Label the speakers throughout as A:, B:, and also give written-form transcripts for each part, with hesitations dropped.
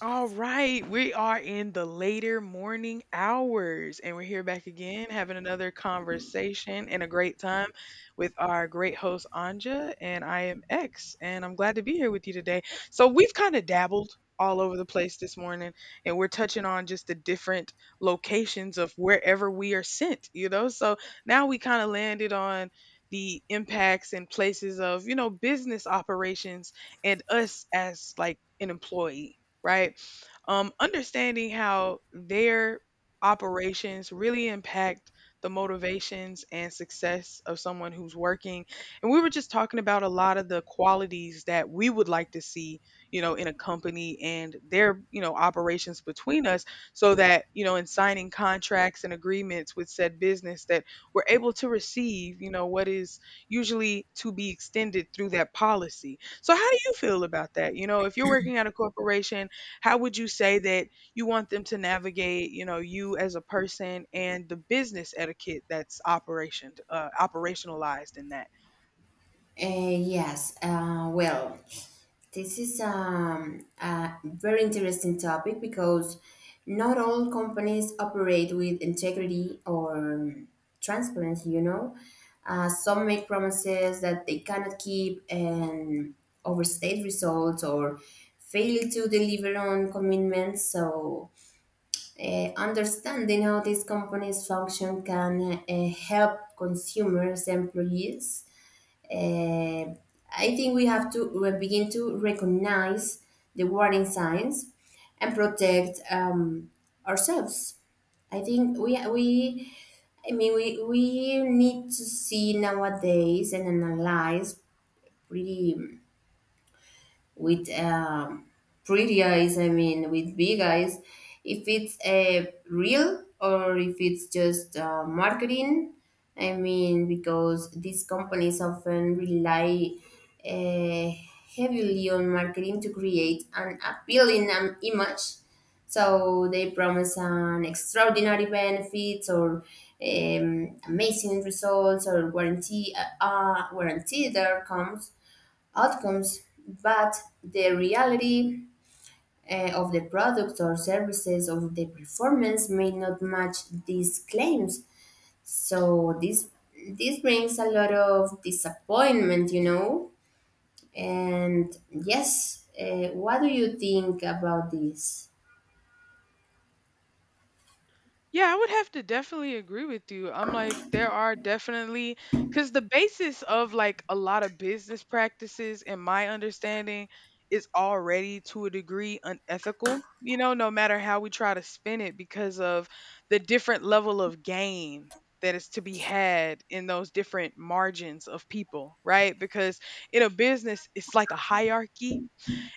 A: All right, we are in the later morning hours, and we're here back again having another conversation and a great time with our great host Anja, and I am X, and I'm glad to be here with you today. So we've kind of dabbled all over the place this morning, and we're touching on just the different locations of wherever we are sent, you know. So now we kind of landed on the impacts and places of, you know, business operations and us as like an employee, right? Understanding how their operations really impact the motivations and success of someone who's working. And we were just talking about a lot of the qualities that we would like to see, you know, in a company and their, you know, operations between us so that, you know, in signing contracts and agreements with said business that we're able to receive, you know, what is usually to be extended through that policy. So how do you feel about that? You know, if you're working at a corporation, how would you say that you want them to navigate, you know, you as a person and the business etiquette that's operationalized in that?
B: Yes, well, this is a very interesting topic because not all companies operate with integrity or transparency. Some make promises that they cannot keep and overstate results or fail to deliver on commitments. So, understanding how these companies function can help consumers, employees. uh, I think we have to begin to recognize the warning signs and protect ourselves. I think we I mean we need to see nowadays and analyze, pretty with um, pretty eyes, I mean, with big eyes, if it's a real or if it's just marketing. I mean, because these companies often rely uh, heavily on marketing to create an appealing image. So they promise an extraordinary benefits or amazing results or guaranteed outcomes, but the reality of the products or services of the performance may not match these claims. So this brings a lot of disappointment. And yes, what do you think about this?
A: Yeah, I would have to definitely agree with you. I'm like, there are definitely, because the basis of like a lot of business practices, in my understanding, is already to a degree unethical, you know, no matter how we try to spin it because of the different level of gain that is to be had in those different margins of people, right? Because in a business, it's like a hierarchy,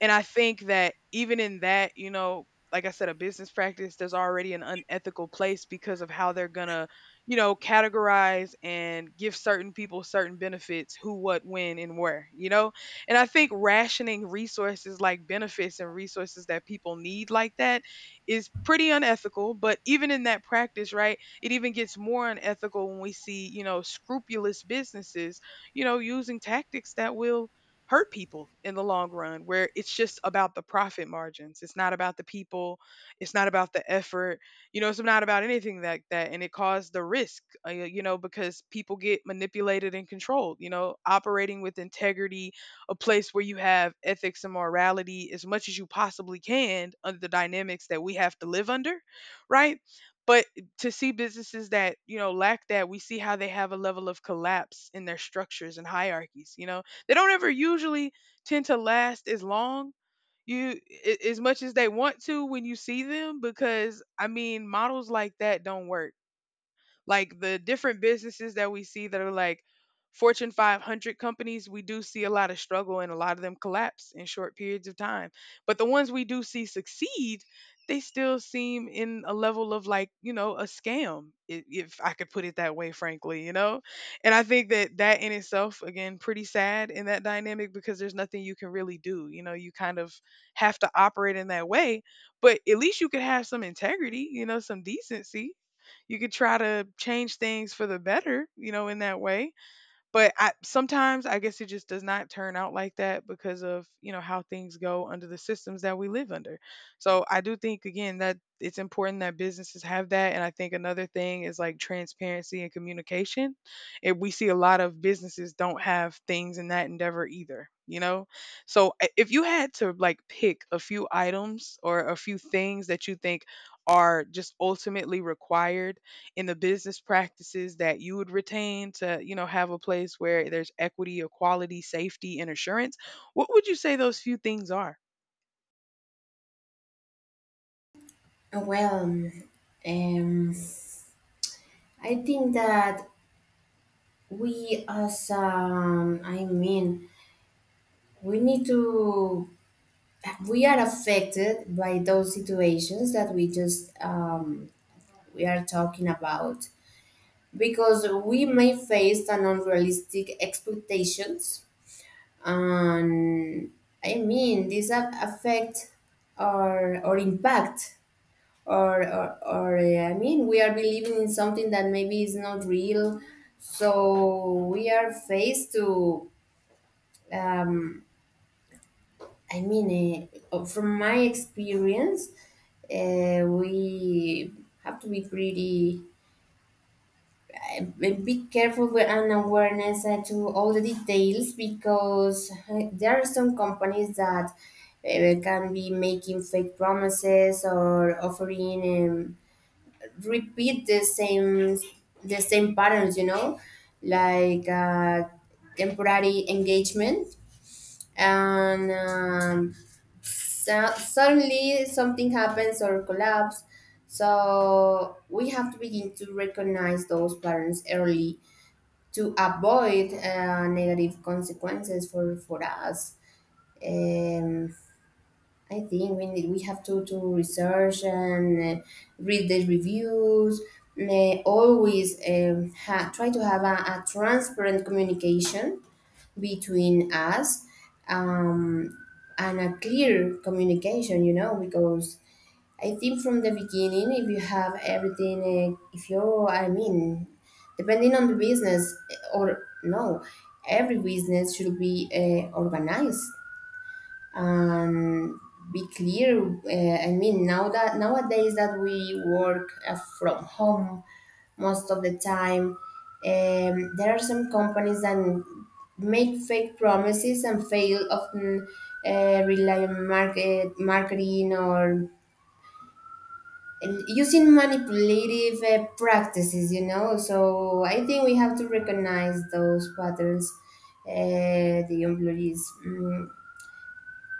A: and I think that even in that, you know, like I said, a business practice, there's already an unethical place because of how they're going to, you know, categorize and give certain people certain benefits, who, what, when, and where, you know? And I think rationing resources like benefits and resources that people need like that is pretty unethical. But even in that practice, right, it even gets more unethical when we see, you know, scrupulous businesses, you know, using tactics that will hurt people in the long run, where it's just about the profit margins, it's not about the people, it's not about the effort, you know, it's not about anything like that, and it caused the risk, you know, because people get manipulated and controlled, you know, operating with integrity, a place where you have ethics and morality as much as you possibly can under the dynamics that we have to live under, right? But to see businesses that, you know, lack that, we see how they have a level of collapse in their structures and hierarchies, you know, they don't ever usually tend to last as long you as much as they want to when you see them, because I mean, models like that don't work. Like the different businesses that we see that are like Fortune 500 companies, we do see a lot of struggle and a lot of them collapse in short periods of time. But the ones we do see succeed, they still seem in a level of like, you know, a scam, if I could put it that way, frankly, you know? And I think that that in itself, again, pretty sad in that dynamic, because there's nothing you can really do. You know, you kind of have to operate in that way, but at least you could have some integrity, you know, some decency, you could try to change things for the better, you know, in that way. But I, sometimes I guess it just does not turn out like that because of, you know, how things go under the systems that we live under. So I do think, again, that it's important that businesses have that. And I think another thing is like transparency and communication. And we see a lot of businesses don't have things in that endeavor either, you know? So if you had to like pick a few items or a few things that you think are just ultimately required in the business practices that you would retain to, you know, have a place where there's equity, equality, safety, and assurance, what would you say those few things are?
B: Well, um, I think that we as I mean, we need to we are affected by those situations that we just we are talking about, because we may face an unrealistic expectations. And I mean these affect or impact or I mean we are believing in something that maybe is not real, so we are faced to. um, I mean, from my experience, we have to, be careful with an awareness to all the details, because there are some companies that can be making fake promises or offering repeat the same patterns, you know, like temporary engagement and. Suddenly something happens or collapse. So we have to begin to recognize those patterns early to avoid negative consequences for us. Um, I think we have to research and read the reviews. May always try to have a transparent communication between us, um, and a clear communication, you know, because I think from the beginning, if you have everything, if you're, I mean, depending on the business, or no, every business should be organized, um, be clear. I mean, nowadays that we work from home most of the time, there are some companies that make fake promises and fail often, rely on marketing or using manipulative practices. You know, so I think we have to recognize those patterns. The employees, mm,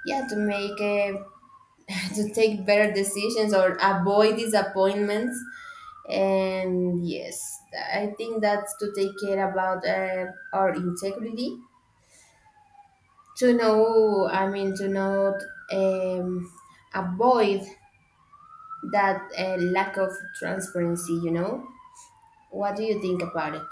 B: yeah, to make to take better decisions or avoid disappointments. And yes, I think that's to take care about our integrity, to know, I mean, to not um, avoid that lack of transparency. What do you think about it?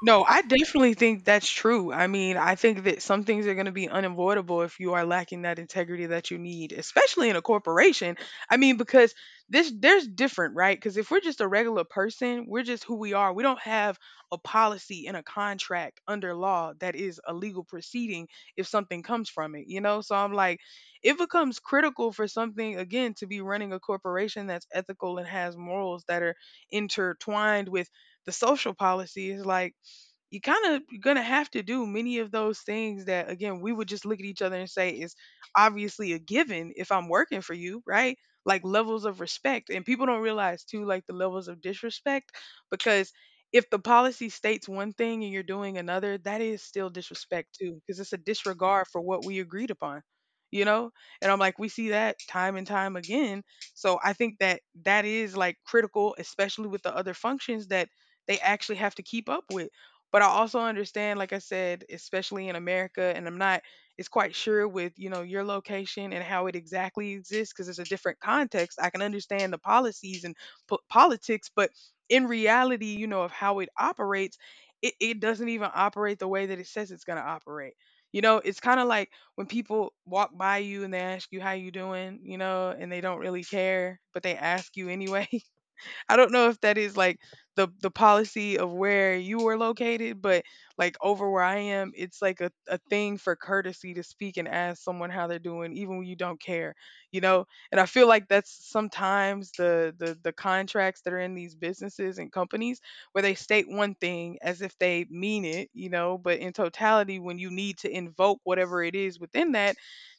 A: No, I definitely think that's true. I mean, I think that some things are going to be unavoidable if you are lacking that integrity that you need, especially in a corporation. I mean, because this there's different, right? Because if we're just a regular person, we're just who we are. We don't have a policy and a contract under law that is a legal proceeding if something comes from it, you know? So I'm like, it becomes critical for something, again, to be running a corporation that's ethical and has morals that are intertwined with the social policy, is like you kind of, you're gonna have to do many of those things that, again, we would just look at each other and say is obviously a given if I'm working for you, right? Like levels of respect. And people don't realize too like the levels of disrespect, because if the policy states one thing and you're doing another, that is still disrespect too, because it's a disregard for what we agreed upon. You know? And I'm like, we see that time and time again. So I think that that is like critical, especially with the other functions that they actually have to keep up with. But I also understand, like I said, especially in America, and I'm not it's quite sure with, you know, your location and how it exactly exists, because it's a different context. I can understand the policies and politics, but in reality, you know, of how it operates, it doesn't even operate the way that it says it's going to operate. You know, it's kind of like when people walk by you and they ask you how you doing, you know, and they don't really care, but they ask you anyway. I don't know if that is like the policy of where you are located, but like over where I am, it's like a thing for courtesy to speak and ask someone how they're doing, even when you don't care, you know? And I feel like that's sometimes the contracts that are in these businesses and companies where they state one thing as if they mean it, you know, but in totality, when you need to invoke whatever it is within that,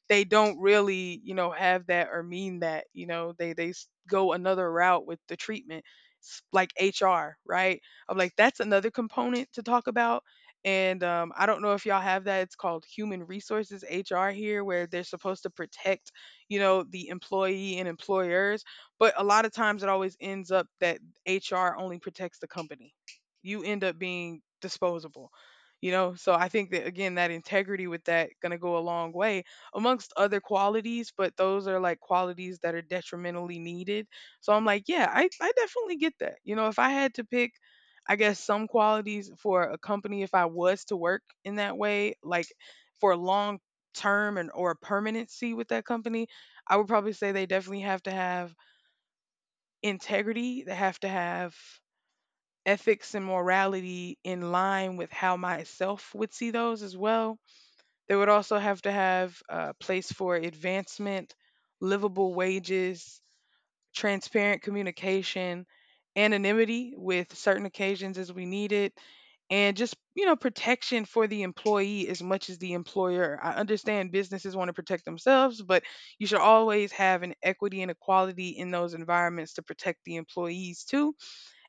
A: they don't really, you know, have that or mean that, you know, they go another route with the treatment. Like HR, right? I'm like, that's another component to talk about, and I don't know if y'all have that. It's called human resources, HR here, where they're supposed to protect, you know, the employee and employers. But a lot of times it always ends up that HR only protects the company. You end up being disposable, you know. So I think that, again, that integrity with that gonna go a long way amongst other qualities, but those are like qualities that are detrimentally needed. So I'm like, yeah, I definitely get that. You know, if I had to pick, I guess, some qualities for a company, if I was to work in that way, like for a long term and or permanency with that company, I would probably say they definitely have to have integrity, they have to have ethics and morality in line with how myself would see those as well. They would also have to have a place for advancement, livable wages, transparent communication, anonymity with certain occasions as we need it, and just, you know, protection for the employee as much as the employer. I understand businesses want to protect themselves, but you should always have an equity and equality in those environments to protect the employees too,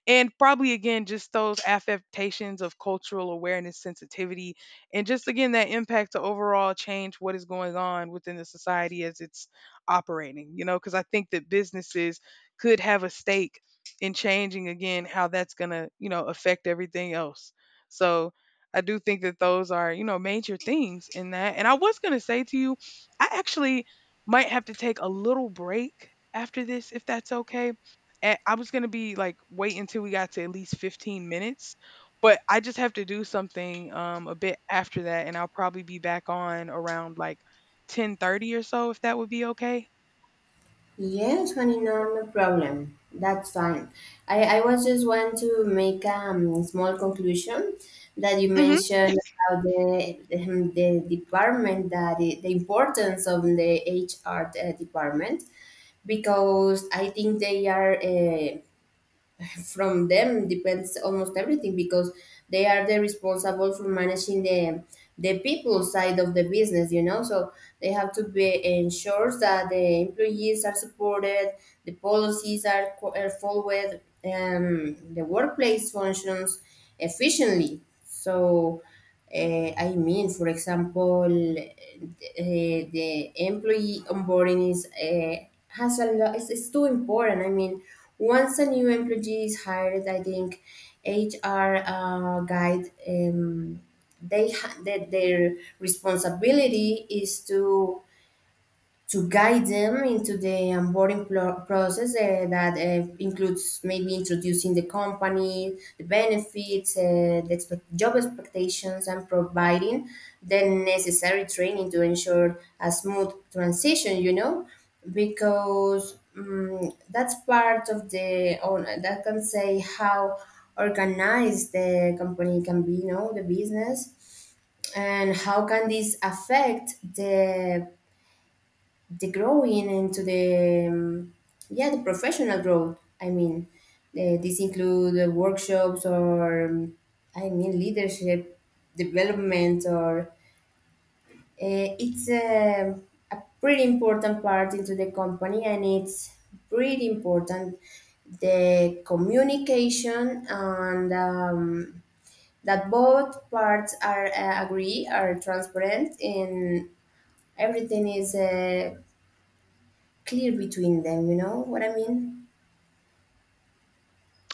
A: and probably, again, just those affectations of cultural awareness sensitivity, and just, again, that impact to overall change what is going on within the society as it's operating, you know, because I think that businesses could have a stake in changing, again, how that's going to, you know, affect everything else. So I do think that those are, you know, major things in that. And I was going to say to you, I actually might have to take a little break after this if that's okay. And I was gonna be like, wait until we got to at least 15 minutes, but I just have to do something a bit after that, and I'll probably be back on around like 10:30 or so if that would be okay.
B: Yeah, 29, no problem. That's fine. I was just want to make a small conclusion that you
A: Mm-hmm.
B: mentioned about the department, the importance of the HR department, because I think they are from them depends almost everything, because they are the responsible for managing the people side of the business, you know. So they have to be ensure that the employees are supported, the policies are followed and the workplace functions efficiently. So I mean, for example, the employee onboarding is has a lot. It's too important. I mean, once a new employee is hired, I think HR, guide, that their responsibility is to guide them into the onboarding process, that includes maybe introducing the company, the benefits, the job expectations, and providing the necessary training to ensure a smooth transition, you know, because that's part of or that can say how organized the company can be, you know, the business, and how can this affect the growing into the, yeah, the professional growth. I mean this include workshops or, I mean, leadership development or it's a pretty important part into the company, and it's pretty important the communication and, that both parts are, agree, are transparent and everything is clear between them. You know what I mean?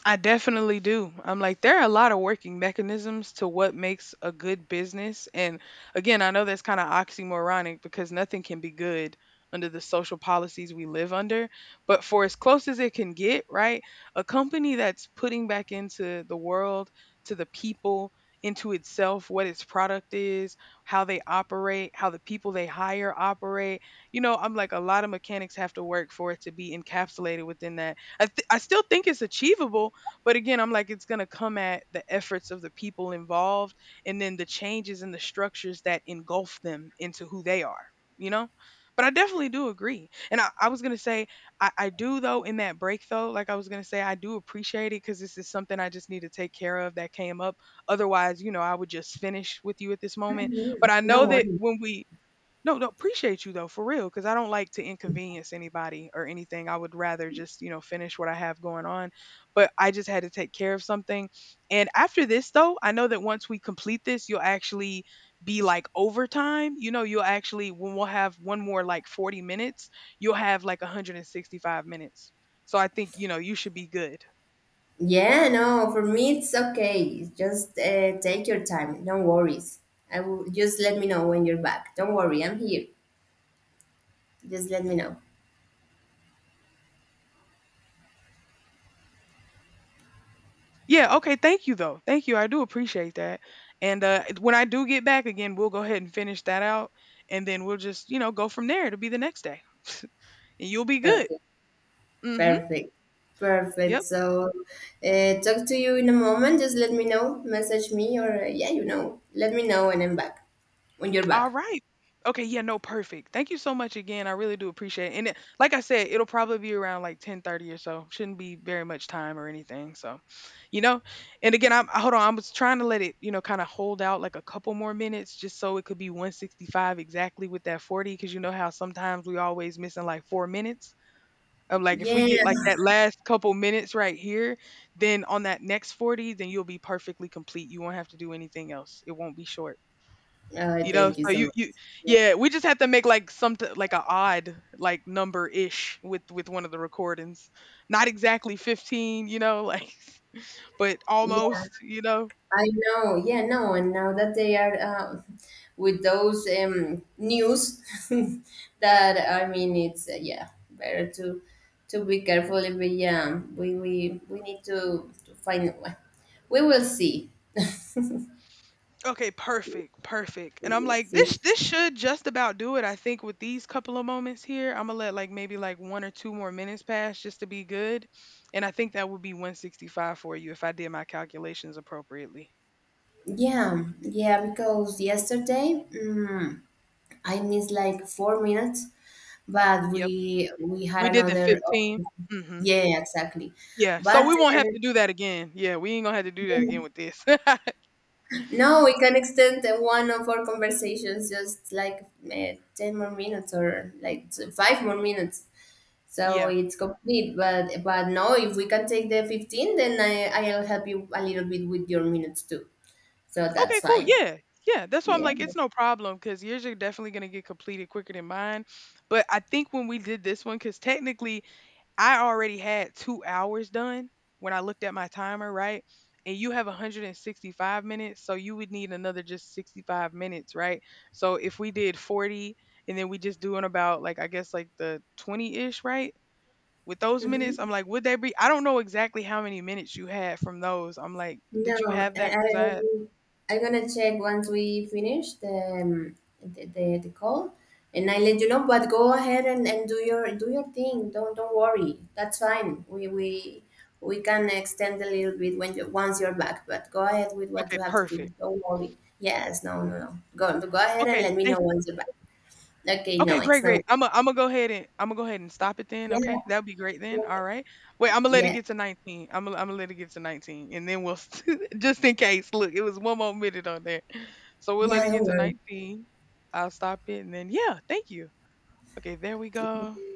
A: I definitely do. I'm like, there are a lot of working mechanisms to what makes a good business. And again, I know that's kind of oxymoronic because nothing can be good under the social policies we live under. But for as close as it can get, right? A company that's putting back into the world, to the people, into itself, what its product is, how they operate, how the people they hire operate. You know, I'm like, a lot of mechanics have to work for it to be encapsulated within that. I still think it's achievable but again, I'm like, it's going to come at the efforts of the people involved and then the changes in the structures that engulf them into who they are, you know? But I definitely do agree. And I was going to say, I do, though, in that break, though, like I was going to say, I do appreciate it because this is something I just need to take care of that came up. Otherwise, you know, I would just finish with you at this moment.
B: Mhm.
A: But I know
B: No
A: that
B: worries.
A: when we, No, no, appreciate you though, for real, because I don't like to inconvenience anybody or anything. I would rather just, you know, finish what I have going on. But I just had to take care of something. And after this, though, I know that once we complete this, you'll actually be like overtime. You know, you'll actually, when we'll have one more like 40 minutes, you'll have like 165 minutes. So I think, you know, you should be good.
B: Yeah, no, for me it's okay. Just take your time. Don't worries. I will just let me know when you're back. Don't worry, I'm here. Just let me know.
A: Yeah, okay, thank you though. Thank you. I do appreciate that. And when I do get back again, we'll go ahead and finish that out and then we'll just, you know, go from there to be the next day. And you'll be good.
B: Okay,
A: Mhm.
B: perfect. Perfect.
A: Yep.
B: So, talk to you in a moment. Just let me know. Message me or, yeah, let me know when I'm back, when you're
A: All
B: back.
A: right. Okay, yeah, no, perfect. Thank you so much again. I really do appreciate it. And it, like I said, it'll probably be around like 10:30 or so. Shouldn't be very much time or anything. So, you know, and again, hold on, I was trying to let it, you know, kind of hold out like a couple more minutes just so it could be 165 exactly with that 40 cuz you know how sometimes we always missing like 4 minutes. Of like if we
B: Yeah.
A: get like that last couple minutes right here, then on that next 40, then you'll be perfectly complete. You won't have to do anything else. It won't be short. You know,
B: Thank you
A: so
B: so
A: you
B: much.
A: yeah, we just have to make like something like a odd like number ish with one of the recordings. Not exactly 15, you know, like but
B: Yeah.
A: almost, you know.
B: I know, yeah, no, and now that they are, with those news, that I mean, it's yeah, better to be careful. If we need to find. Well, we will see.
A: Okay, perfect, perfect.
B: We
A: And I'm
B: will
A: like,
B: see.
A: this should just about do it. I think with these couple of moments here, I'm gonna let like maybe like one or two more minutes pass just to be good. And I think that would be 165 for you if I did my calculations appropriately.
B: Yeah, yeah, because yesterday, I missed like 4 minutes, but
A: Yep,
B: we had
A: we did the
B: another. Oh,
A: 15. Hmm.
B: yeah, exactly.
A: Yeah, so
B: But
A: we won't have to do that again. Yeah, we ain't gonna have to do that
B: uh,
A: again with this.
B: no, we can extend the one of our conversations just like 10 more minutes or like 5 more minutes. So
A: Yeah.
B: it's complete. But no, if we can take the 15, then I'll help you a little bit with your minutes too. So that's
A: Okay, cool.
B: fine.
A: Yeah. Yeah. That's why I'm
B: Yeah.
A: like, it's no problem because yours are definitely going to get completed quicker than mine. But I think when we did this one, because technically I already had 2 hours done when I looked at my timer, right? And you have 165 minutes. So you would need another just 65 minutes, right? So if we did 40 and then we just doing about like, I guess like the 20 ish, right? With those minutes,
B: Mhm.
A: I'm like, would they be? I don't know exactly how many minutes you had from those. I'm like, did you
B: No,
A: have
B: I,
A: that?
B: I,
A: Because I had.
B: I'm gonna check once we finish the call, and I let you know. But go ahead and do your thing. Don't worry. That's fine. We can extend a little bit when once you're back. But go ahead with what
A: Okay,
B: you have to do.
A: perfect.
B: Don't worry. Yes. No. No. No. Go ahead and
A: Okay,
B: let me know
A: thank you.
B: once you're back. Okay. No.
A: Okay,
B: It's
A: great, great.
B: no.
A: I'm gonna go ahead and stop it then.
B: Yeah.
A: Okay, that will be great then.
B: Okay.
A: All right. Wait, I'm gonna let it
B: Yeah.
A: get to 19. I'm gonna let it get to 19, and then we'll s- just in case. Look, it was one more minute on there, so we'll
B: Yeah.
A: let it get to
B: Don't
A: 19. I'll stop it, and then yeah, thank you. Okay, there we go.
B: worry.